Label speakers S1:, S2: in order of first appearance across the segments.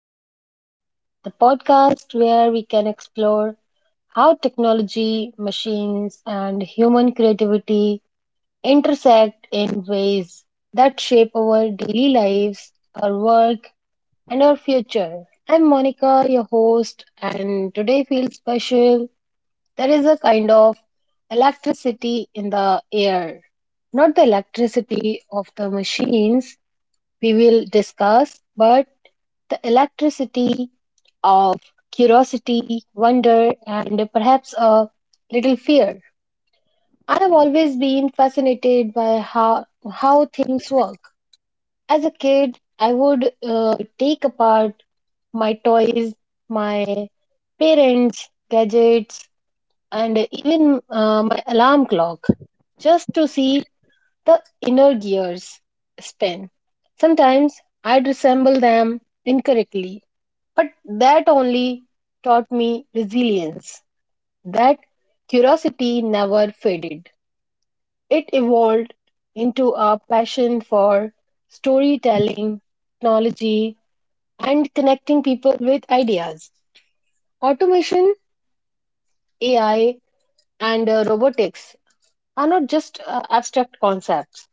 S1: Unplugged, the podcast where we can explore how technology, machines, and human creativity intersect in ways that shape our daily lives, our work, and our future. I'm Monica, your host, and today feels special. There is a kind of electricity in the air. Not the electricity of the machines we will discuss, but the electricity of curiosity, wonder, and perhaps a little fear. I have always been fascinated by how things work. As a kid, I would take apart my toys, my parents' gadgets, and even my alarm clock just to see the inner gears spin. Sometimes I'd resemble them incorrectly, but that only taught me resilience. That curiosity never faded. It evolved into a passion for storytelling, technology, and connecting people with ideas. Automation, AI, and robotics are not just abstract concepts,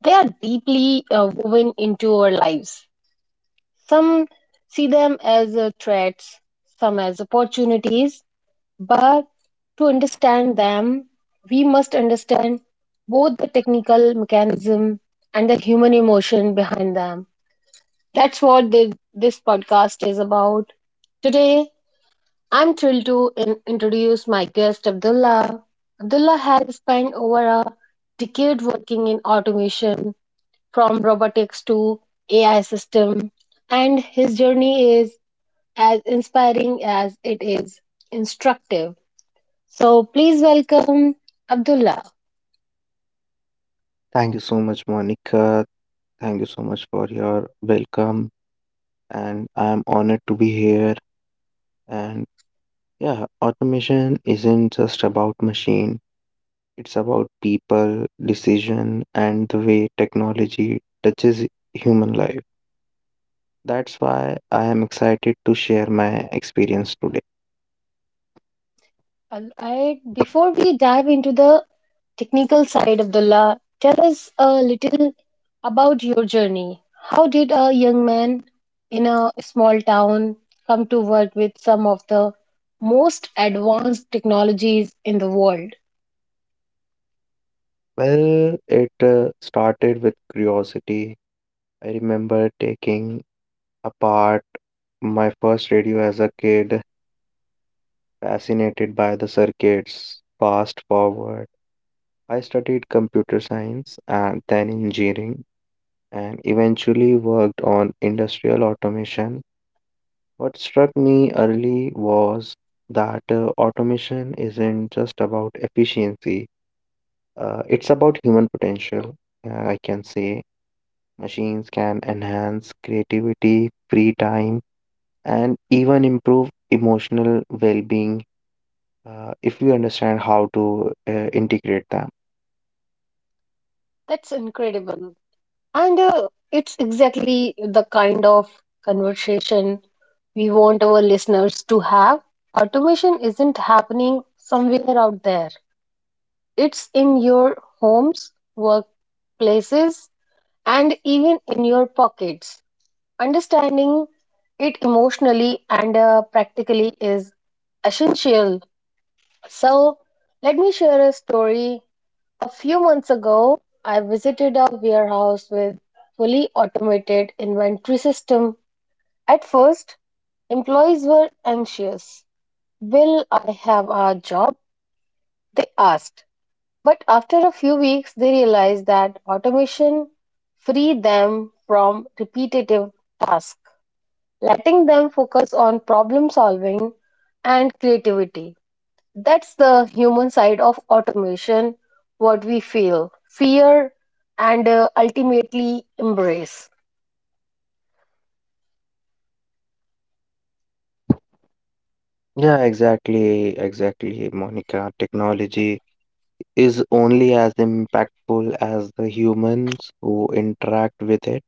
S1: they are deeply woven into our lives. Some see them as threats, some as opportunities, but to understand them, we must understand both the technical mechanism and the human emotion behind them. That's what this podcast is about. Today, I'm thrilled to introduce my guest, Abdullah. Abdullah has spent over a decade working in automation from robotics to AI system, and his journey is as inspiring as it is instructive. So please welcome Abdullah.
S2: Thank you so much, Monica. Thank you so much for your welcome. And I'm honored to be here. And yeah, automation isn't just about machine, it's about people, decision, and the way technology touches human life. That's why I am excited to share my experience today.
S1: All right, before we dive into the technical side, Abdullah, tell us a little about your journey. How did a young man in a small town come to work with some of the most advanced technologies in the world?
S2: Well, it started with curiosity. I remember taking apart my first radio as a kid, fascinated by the circuits. Fast forward, I studied computer science and then engineering and eventually worked on industrial automation. What struck me early was that automation isn't just about efficiency, it's about human potential. I can say machines can enhance creativity, free time, and even improve emotional well being if we understand how to integrate them.
S1: That's incredible. And it's exactly the kind of conversation we want our listeners to have. Automation isn't happening somewhere out there, it's in your homes, workplaces, and even in your pockets. Understanding it emotionally and practically is essential. So, let me share a story. A few months ago, I visited a warehouse with fully automated inventory system. At first, employees were anxious. "Will I have a job?" they asked. But after a few weeks, they realized that automation freed them from repetitive tasks, letting them focus on problem solving and creativity. That's the human side of automation, what we feel, fear, and ultimately embrace.
S2: Yeah, exactly, Monica. Technology is only as impactful as the humans who interact with it.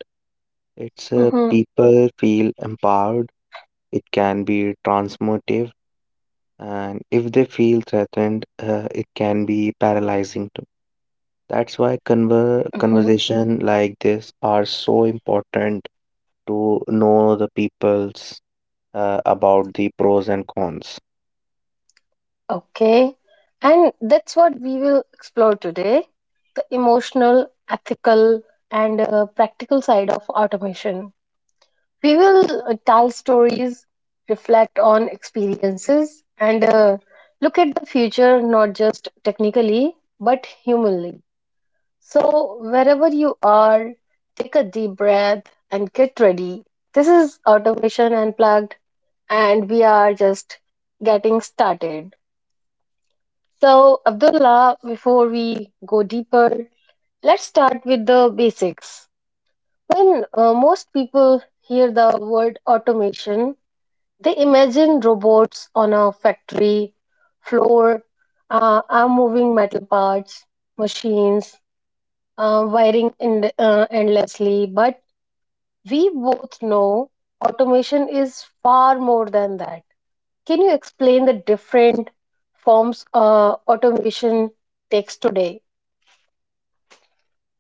S2: It's
S1: Hmm.
S2: people feel empowered, it can be transformative, and if they feel threatened, it can be paralyzing too. That's why conver
S1: Hmm.
S2: conversation like this are so important to know the people's about the pros and cons.
S1: Okay. And that's what we will explore today, the emotional, ethical, and practical side of automation. We will tell stories, reflect on experiences, and look at the future not just technically but humanly. So, wherever you are, take a deep breath and get ready. This is Automation Unplugged, and we are just getting started. So, Abdullah, before we go deeper, let's start with the basics. When most people hear the word automation, they imagine robots on a factory floor, are moving metal parts, machines, endlessly. But we both know automation is far more than that. Can you explain the different forms automation takes today?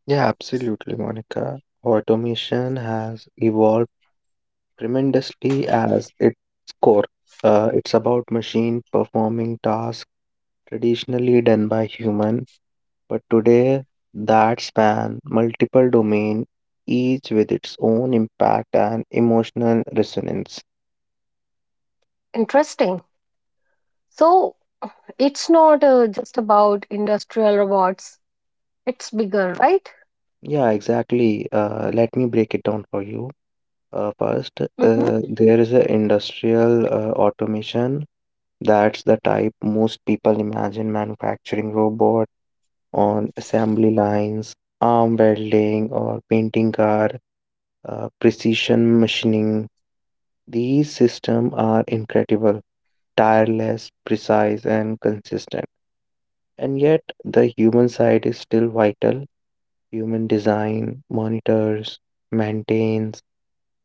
S2: Yeah, absolutely, Monica. Automation has evolved tremendously as its core. It's about machine performing tasks traditionally done by human, but today that span multiple domain, each with its own impact and emotional resonance.
S1: Interesting. So it's not just about industrial robots, it's bigger, right?
S2: Yeah, exactly. Let me break it down for you. First,
S1: Hmm.
S2: there is a industrial automation. That's the type most people imagine: manufacturing robot on assembly lines, arm welding or painting car, precision machining. These systems are incredible, tireless, precise, and consistent. And yet, the human side is still vital. Human design, monitors, maintains,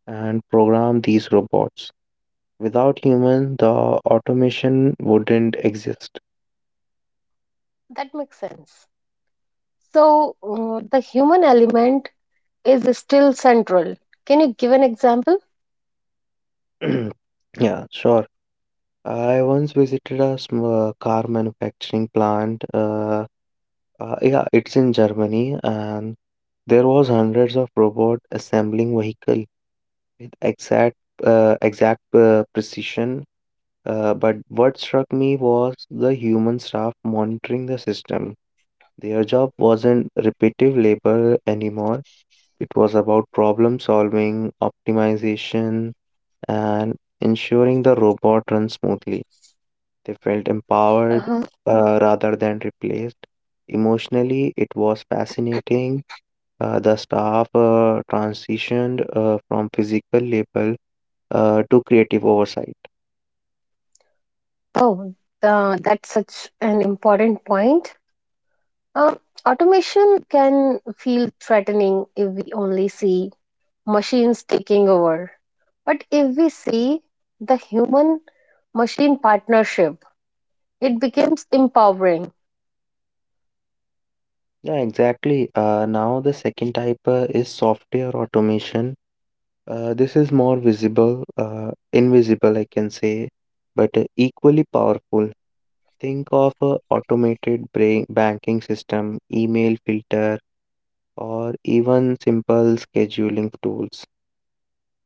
S2: and program these robots. Without human, the automation wouldn't exist.
S1: That makes sense. So the human element is still central. Can you give an example?
S2: Yeah, sure. I once visited a car manufacturing plant. Yeah, it's in Germany, and there was hundreds of robot assembling vehicle with exact precision. But what struck me was the human staff monitoring the system. Their job wasn't repetitive labor anymore. It was about problem solving, optimization, and ensuring the robot runs smoothly. They felt empowered
S1: Uh-huh.
S2: rather than replaced. Emotionally, it was fascinating. The staff transitioned from physical labor to creative oversight.
S1: Oh, that's such an important point. Um, Automation can feel threatening if we only see machines taking over. But if we see the human machine partnership, it becomes empowering.
S2: Yeah, exactly. Now, the second type is software automation. This is more visible, invisible, I can say, but equally powerful. Think of a banking system, email filter, or even simple scheduling tools.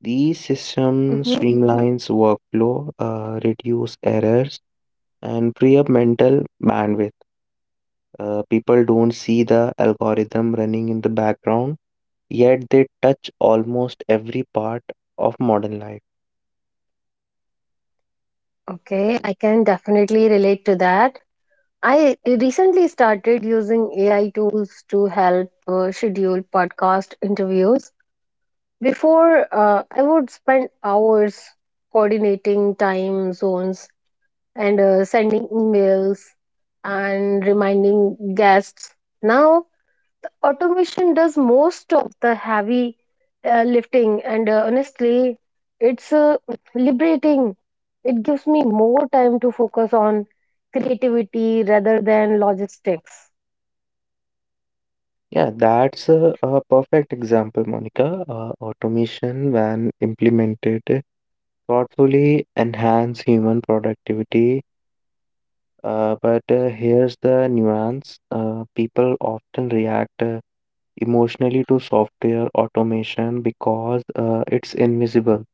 S2: These systems
S1: Mhm.
S2: streamlines workflow, reduce errors, and free up mental bandwidth. People don't see the algorithm running in the background, yet they touch almost every part of modern life.
S1: Okay, I can definitely relate to that. I recently started using AI tools to help schedule podcast interviews. Before, I would spend hours coordinating time zones and sending emails and reminding guests. Now, automation does most of the heavy lifting, and honestly, it's liberating. It gives me more time to focus on creativity rather than logistics.
S2: Yeah, that's a perfect example, Monica. Automation, when implemented thoughtfully, enhance human productivity. But here's the nuance: people often react emotionally to software automation because it's invisible.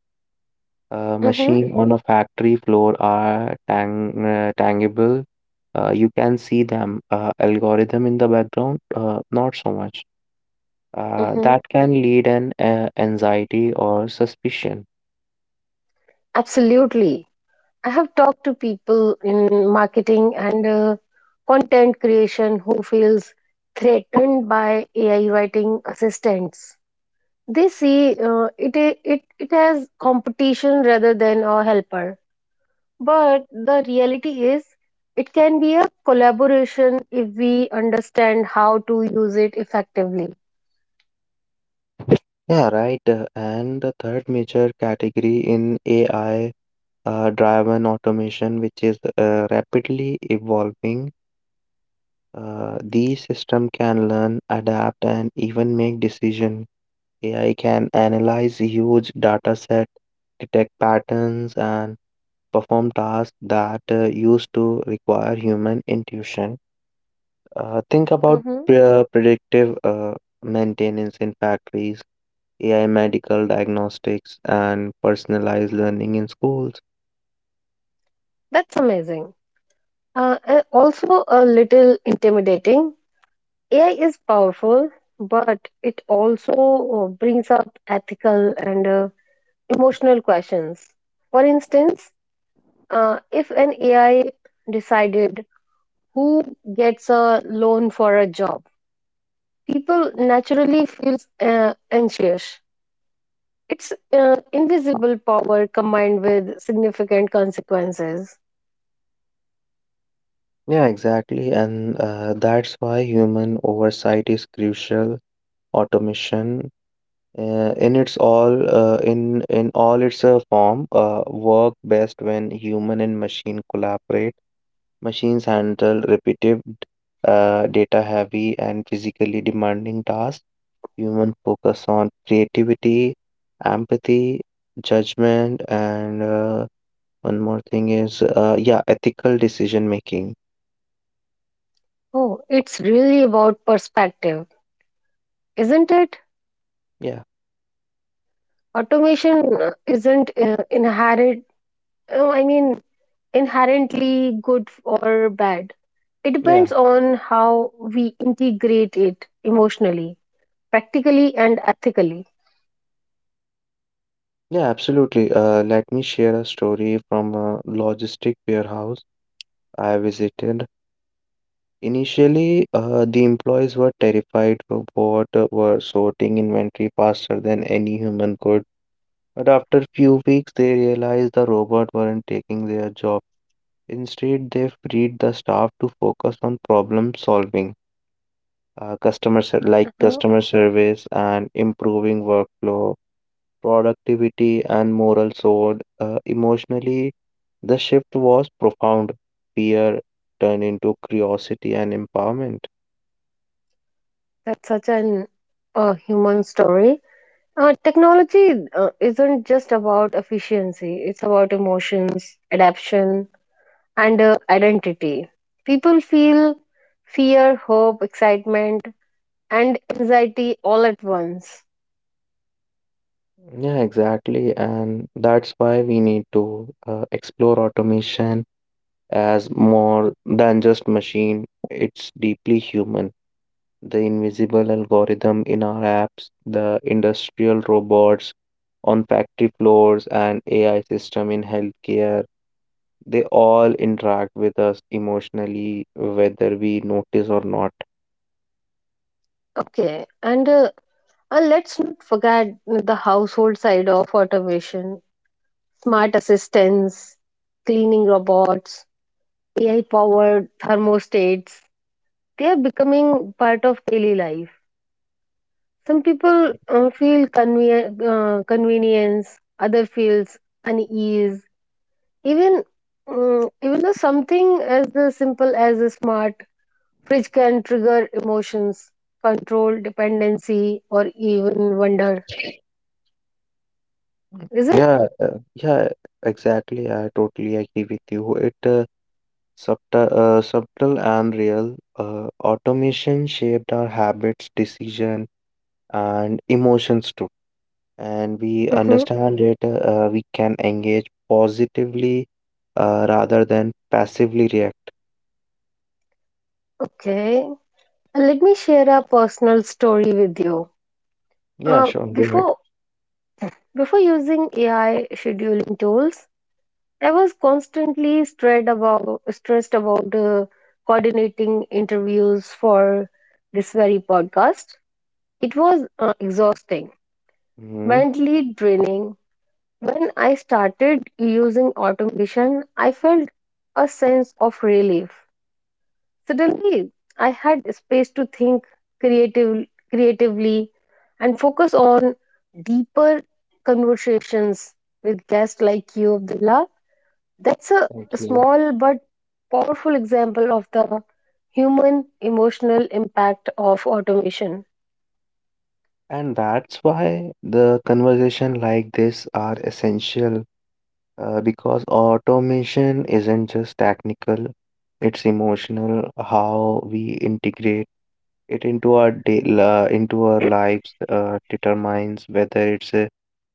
S1: Mm-hmm.
S2: Machine on a factory floor are tangible. You can see them. Algorithm in the background, not so much.
S1: Mm-hmm.
S2: That can lead an anxiety or suspicion.
S1: Absolutely. I have talked to people in marketing and content creation who feels threatened by AI writing assistants. They see it has competition rather than a helper. But the reality is, it can be a collaboration if we understand how to use it effectively.
S2: Yeah, right. And the third major category in AI driven automation, which is rapidly evolving, these systems can learn, adapt, and even make decisions. AI can analyze huge data set, detect patterns, and perform tasks that used to require human intuition. Think about
S1: Hmm.
S2: predictive maintenance in factories, AI medical diagnostics, and personalized learning in schools.
S1: That's amazing. Also, a little intimidating. AI is powerful, but it also brings up ethical and emotional questions. For instance, if an AI decided who gets a loan for a job, people naturally feel uh, anxious. It's invisible power combined with significant consequences.
S2: Yeah, exactly. And that's why human oversight is crucial. Automation in all its form work best when human and machine collaborate. Machines handle repetitive, data heavy, and physically demanding tasks. Human focus on creativity, empathy, judgment, and one more thing is, yeah, ethical decision making.
S1: Oh, it's really about perspective, isn't it?
S2: Yeah,
S1: Automation isn't oh, i mean inherently good or bad. It
S2: yeah,
S1: depends on how we integrate it, emotionally, practically, and ethically.
S2: yeah, absolutely. Let me share a story from a logistic warehouse I visited. Initially, the employees were terrified of what were sorting inventory faster than any human could. But after few weeks, they realized the robot weren't taking their job. Instead, they freed the staff to focus on problem solving, like
S1: Uh-huh.
S2: customer service, and improving workflow productivity, and moral sword. Emotionally, the shift was profound. Fear turned into curiosity and empowerment.
S1: That's such an human story. Technology isn't just about efficiency, it's about emotions, adaptation, and identity. People feel fear, hope, excitement, and anxiety all at once.
S2: Yeah, exactly. And that's why we need to explore automation as more than just machine. It's deeply human. The invisible algorithm in our apps, the industrial robots on factory floors, and AI system in healthcare. They all interact with us emotionally, whether we notice or not.
S1: Okay, and let's not forget the household side of automation. Smart assistants, cleaning robots, AI powered thermostats. They are becoming part of daily life. Some people feel convenience, other feels unease. Even even though something as the simple as a smart fridge can trigger emotions, control, dependency, or even wonder. Is it?
S2: Yeah, exactly. I totally agree with you. It subtle and real. Automation shaped our habits, decision, and emotions too. And we
S1: Hmm.
S2: understand it. We can engage positively, rather than passively react.
S1: Okay. Let me share a personal story with you.
S2: Yeah,
S1: Uh,
S2: sure. Go ahead.
S1: before Before using AI scheduling tools, I was constantly stressed about coordinating interviews for this very podcast. It was exhausting,
S2: Hmm.
S1: mentally draining. When I started using automation, I felt a sense of relief. Suddenly, I had space to think creative, creatively and focus on deeper conversations with guests like you, Abdullah. That's a
S2: Thank you.
S1: small but powerful example of the human emotional impact of automation.
S2: And that's why the conversation like this are essential, because automation isn't just technical, it's emotional. How we integrate it into our into our lives determines whether it's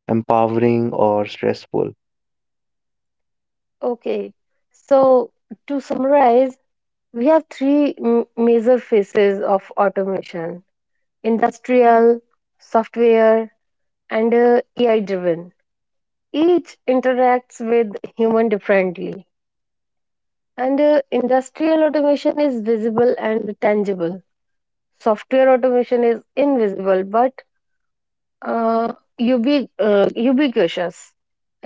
S2: empowering or stressful.
S1: Okay, so to summarize, we have three major phases of automation: industrial, software, and AI driven. Each interacts with human differently, and industrial automation is visible and tangible, software automation is invisible but uh, ubiquitous,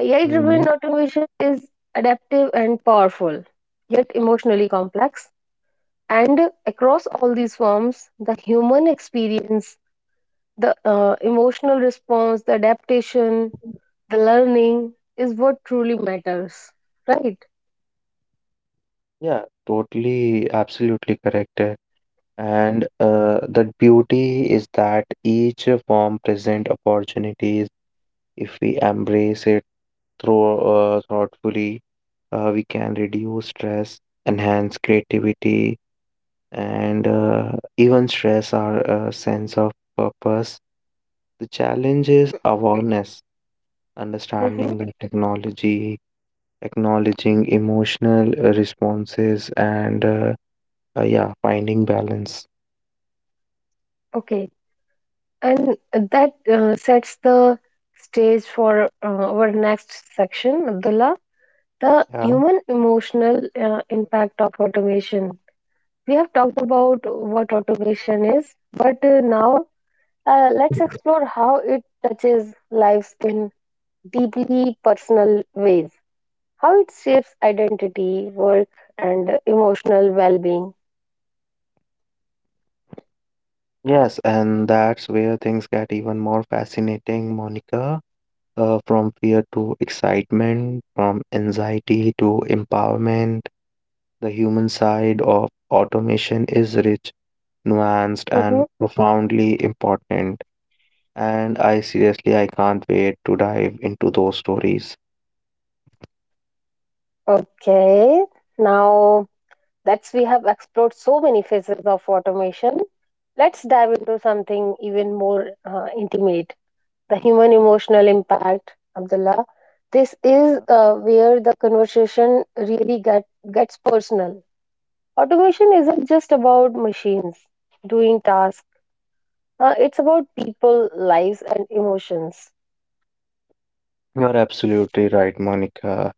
S1: AI
S2: Hmm.
S1: driven automation is adaptive and powerful yet emotionally complex, and across all these forms the human experience, the emotional response, the adaptation, the learning is what truly matters, right?
S2: Yeah, totally, absolutely correct. And the beauty is that each form present opportunities. If we embrace it through thoughtfully, we can reduce stress, enhance creativity, and even stress our sense of purpose. The challenge is awareness, understanding the technology, acknowledging emotional responses, and yeah, finding balance.
S1: Okay, and that sets the stage for our next section, Abdullah, the
S2: Yeah.
S1: human emotional impact of automation. We have talked about what automation is, but now let's explore how it touches lives in deeply personal ways, how it shapes identity, work, and emotional well being.
S2: Yes, and that's where things get even more fascinating, Monica. From fear to excitement, from anxiety to empowerment. The human side of automation is rich, nuanced,
S1: Mm-hmm.
S2: and profoundly important. And I seriously, I can't wait to dive into those stories.
S1: Okay. Now that's we have explored so many phases of automation, let's dive into something even more intimate. The human emotional impact, Abdullah. This is where the conversation really gets personal. Automation isn't just about machines doing tasks, it's about people, lives, and emotions.
S2: You are absolutely right, Monica.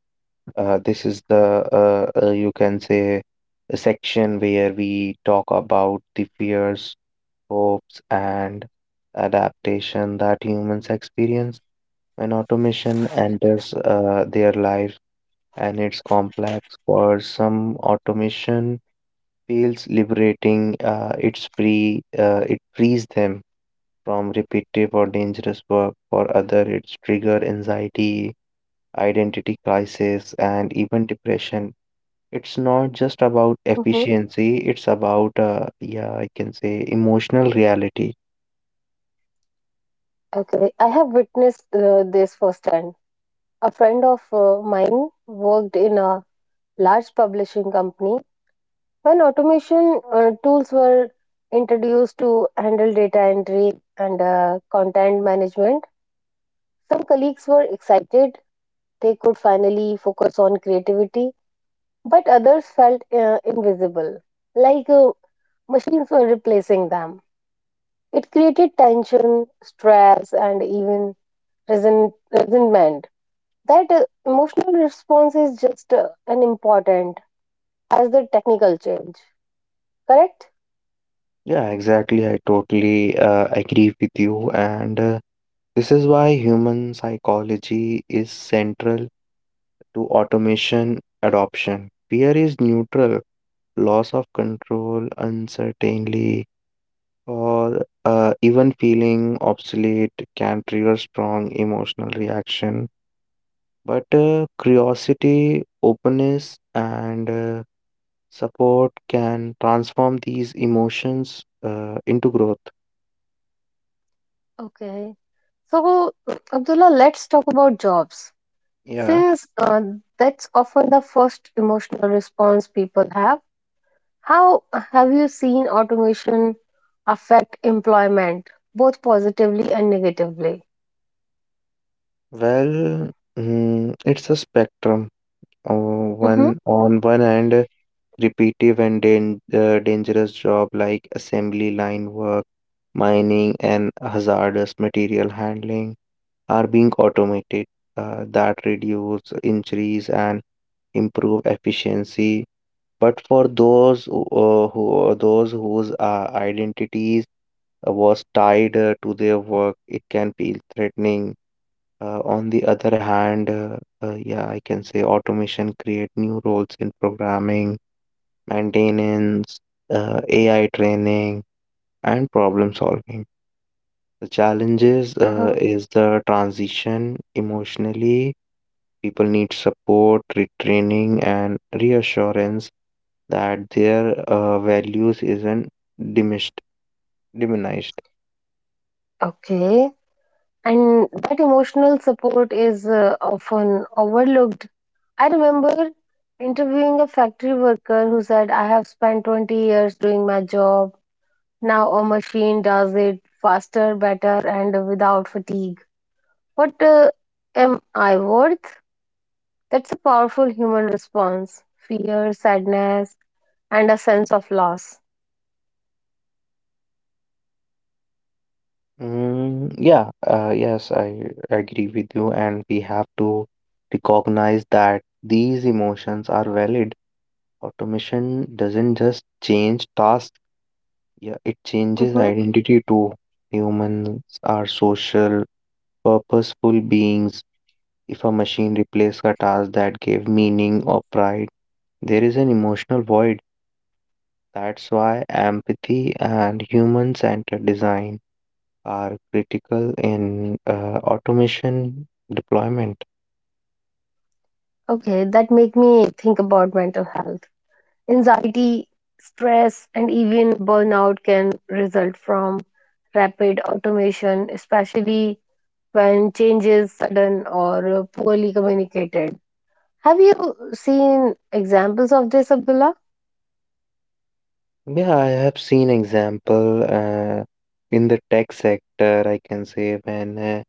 S2: This is the, you can say, a section where we talk about the fears, hopes, and adaptation that humans experience. When automation enters their lives and it's complex, for some automation feels liberating, it frees them from repetitive or dangerous work. For other, it's trigger anxiety, identity crisis, and even depression. It's not just about
S1: Hmm.
S2: efficiency, it's about, yeah, I can say emotional reality.
S1: Okay, I have witnessed this firsthand. A friend of mine worked in a large publishing company when automation tools were introduced to handle data entry and content management. Some colleagues were excited they could finally focus on creativity, but others felt invisible, like machines were replacing them. It created tension, stress, and even resentment. That emotional response is just as important as the technical change, correct?
S2: Yeah, exactly. I totally agree with you. And this is why human psychology is central to automation adoption. Fear is neutral: loss of control, uncertainty, or even feeling obsolete can trigger strong emotional reaction. But curiosity, openness, and support can transform these emotions into growth.
S1: Okay. So, Abdullah, let's talk about jobs.
S2: Yeah,
S1: Since that's often the first emotional response people have. How have you seen automation affect employment, both positively and negatively?
S2: well, mm, it's a spectrum. Oh,
S1: Mm-hmm.
S2: one hand, repetitive and dangerous job like assembly line work, mining, and hazardous material handling are being automated. That reduce injuries and improve efficiency. But for those who those whose identities was tied to their work, it can feel threatening. On the other hand, yeah, I can say automation create new roles in programming, maintenance, AI training, and problem solving. The challenges
S1: Uh-huh.
S2: is the transition emotionally. People need support, retraining, and reassurance that their values isn't diminished. Diminished.
S1: Okay. And that emotional support is often overlooked. I remember interviewing a factory worker who said, "I have spent 20 years doing my job. Now a machine does it faster, better, and without fatigue. What am I worth?" That's a powerful human response. Fear, sadness, and a sense of loss.
S2: Mm, yes, I agree with you, and we have to recognize that these emotions are valid. Automation doesn't just change tasks, yeah, it changes
S1: Hmm.
S2: identity too. Humans are social, purposeful beings. If a machine replaces a task that gave meaning or pride, there is an emotional void. That's why empathy and human-centered design are critical in automation deployment.
S1: Okay, that make me think about mental health. Anxiety, stress, and even burnout can result from rapid automation, especially when change is sudden or poorly communicated. Have you seen examples of this, Abdullah?
S2: Yeah, I have seen example in the tech sector, I can say, when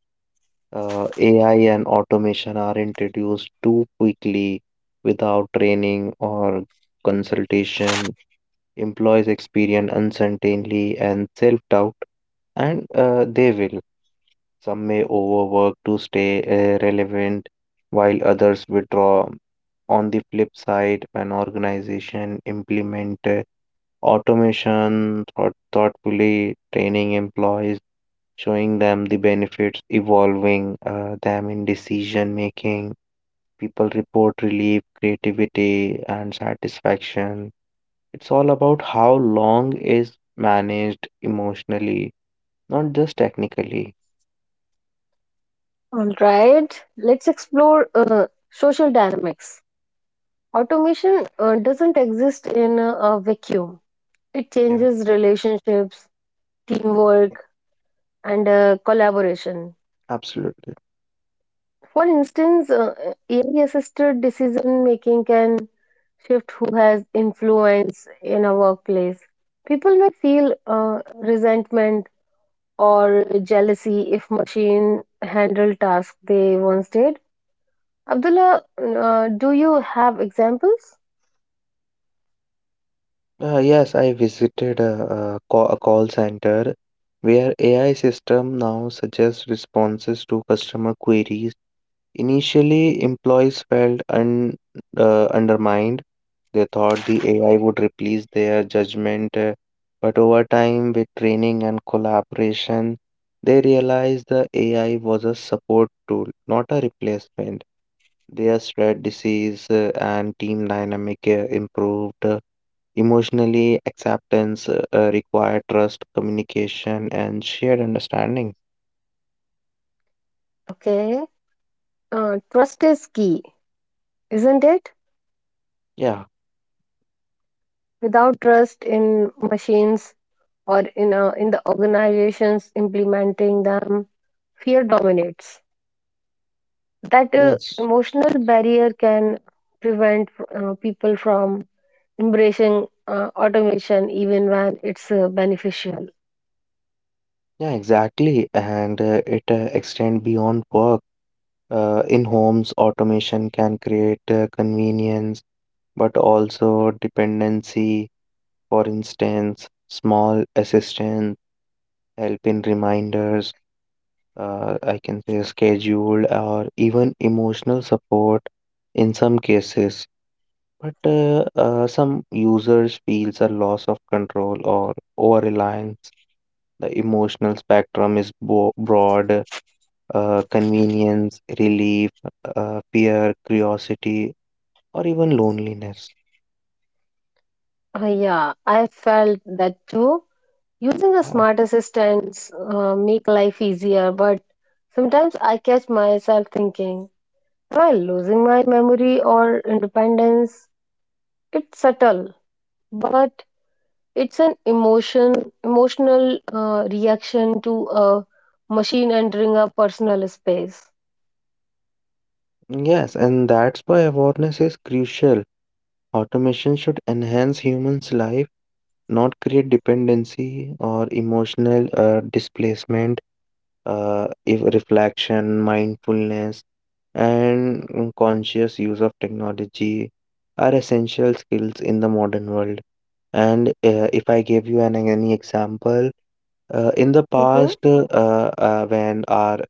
S2: AI and automation are introduced too quickly without training or consultation, employees experience uncertainty and self-doubt, and they will. Some may overwork to stay relevant, while others withdraw. On the flip side, when organization implement automation thoughtfully, training employees, showing them the benefits, evolving them in decision making, people report relief, creativity, and satisfaction. It's all about how long is managed emotionally, not just technically.
S1: All right, let's explore social dynamics. Automation doesn't exist in a vacuum. It
S2: Yeah,
S1: changes relationships, teamwork, and collaboration.
S2: absolutely.
S1: For instance, AI assisted decision making can shift who has influence in a workplace. People may feel resentment or jealousy if machine handle tasks they once did. Abdullah, do you have examples?
S2: Yes, I visited a call center where AI system now suggests responses to customer queries. Initially, employees felt undermined. They thought the AI would replace their judgment, but over time, with training and collaboration, they realized the AI was a support tool, not a replacement. Their spread disease and team dynamic improved. Emotionally, acceptance require trust, communication, and shared understanding.
S1: Okay, trust is key, isn't it?
S2: Yeah,
S1: Without trust in machines, or in in the organizations implementing them, fear dominates. That
S2: yes,
S1: emotional barrier can prevent people from embracing automation even when it's beneficial.
S2: yeah, exactly. And it extend beyond work. In homes, automation can create convenience, but also dependency. For instance, small assistance, help in reminders, I can say scheduled, or even emotional support in some cases. But some users feels a loss of control or over-reliance. The emotional spectrum is bo broad. Convenience, relief, fear, curiosity, or even loneliness.
S1: Yeah, I felt that too. Using a
S2: Yeah.
S1: smart assistant make life easier, but sometimes I catch myself thinking, am I losing my memory or independence? It's subtle, but it's an emotional reaction to a machine entering our personal space.
S2: Yes, and that's why awareness is crucial. Automation should enhance humans' life, not create dependency or emotional displacement. If reflection, mindfulness, and mm, conscious use of technology are essential skills in the modern world. And if I give you an any example, uh, in the
S1: Mm-hmm.
S2: past, uh, uh, when our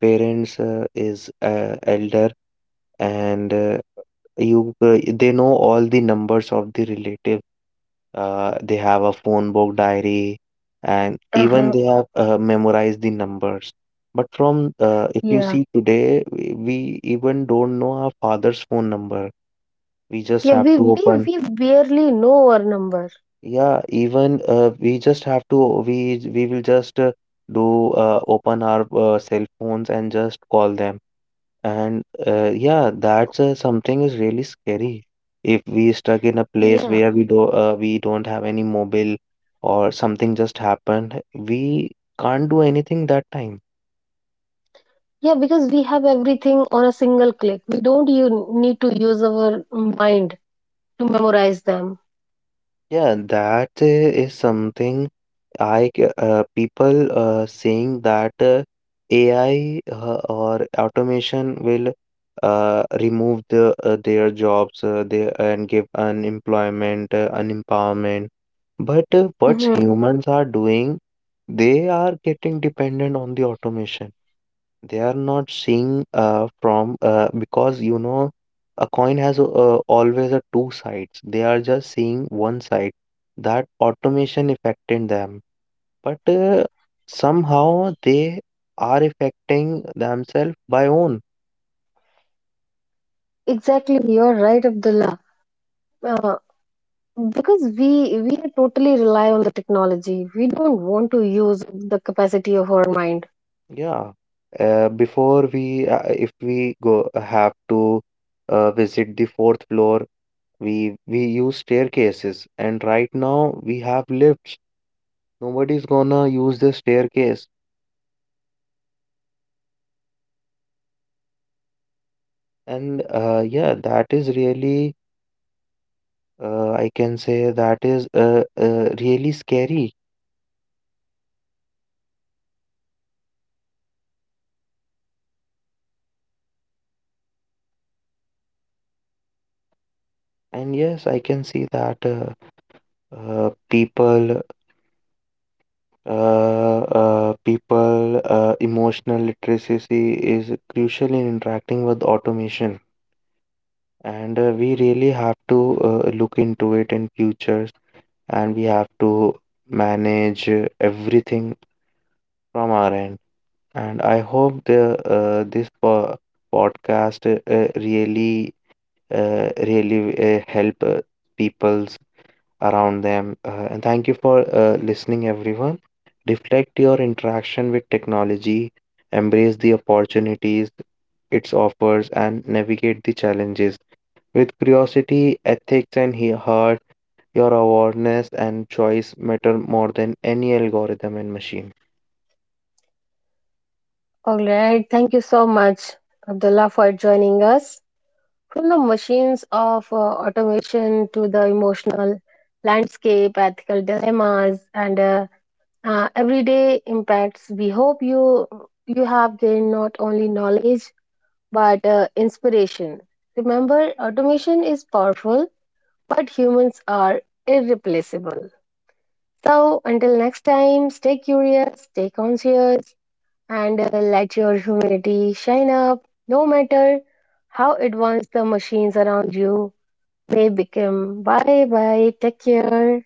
S2: parents is elder and you they know all the numbers of the relatives, they have a phone book diary, and even
S1: Uh-huh.
S2: they have memorized the numbers. But from if you
S1: Yeah.
S2: see today, we even don't know our father's phone number. We just
S1: Yeah,
S2: have
S1: we,
S2: to
S1: we
S2: open.
S1: we barely know our number.
S2: Yeah, even we just have to. We will just do open our cell phones and just call them. And yeah, that's something is really scary. If we stuck in a place
S1: Yeah.
S2: where we don't have any mobile or something just happened, we can't do anything that time.
S1: Yeah, because we have everything on a single click. We don't you need to use our mind to memorize them.
S2: Yeah, that is something people saying that AI or automation will remove the their jobs and give unemployment, unempowerment. But what
S1: Hmm.
S2: humans are doing, they are getting dependent on the automation. They are not seeing from because you know a coin has always a two sides. They are just seeing one side, that automation affected them, but somehow they are affecting themselves by own.
S1: Exactly, you're right, Abdullah. Uh, because we totally rely on the technology. We don't want to use the capacity of our mind.
S2: Yeah, before we if we go have to visit the fourth floor, we use staircases, and right now we have lifts, nobody's gonna use the staircase. And yeah, that is really, I can say, that is really scary. And yes, I can see that uh, people people emotional literacy is crucial in interacting with automation. And we really have to look into it in futures, and we have to manage everything from our end. And I hope the this podcast really really help people's around them. And thank you for listening, everyone. Reflect your interaction with technology, embrace the opportunities it offers, and navigate the challenges. With curiosity, ethics, and heart, your awareness and choice matter more than any algorithm and machine.
S1: All right. Thank you so much, Abdullah, for joining us. From the machines of automation to the emotional landscape, ethical dilemmas, and everyday impacts, we hope you have gained not only knowledge but inspiration. Remember, automation is powerful, but humans are irreplaceable. So, until next time, stay curious, stay conscious, and let your humanity shine up no matter how advanced the machines around you may become. Bye bye. Take care.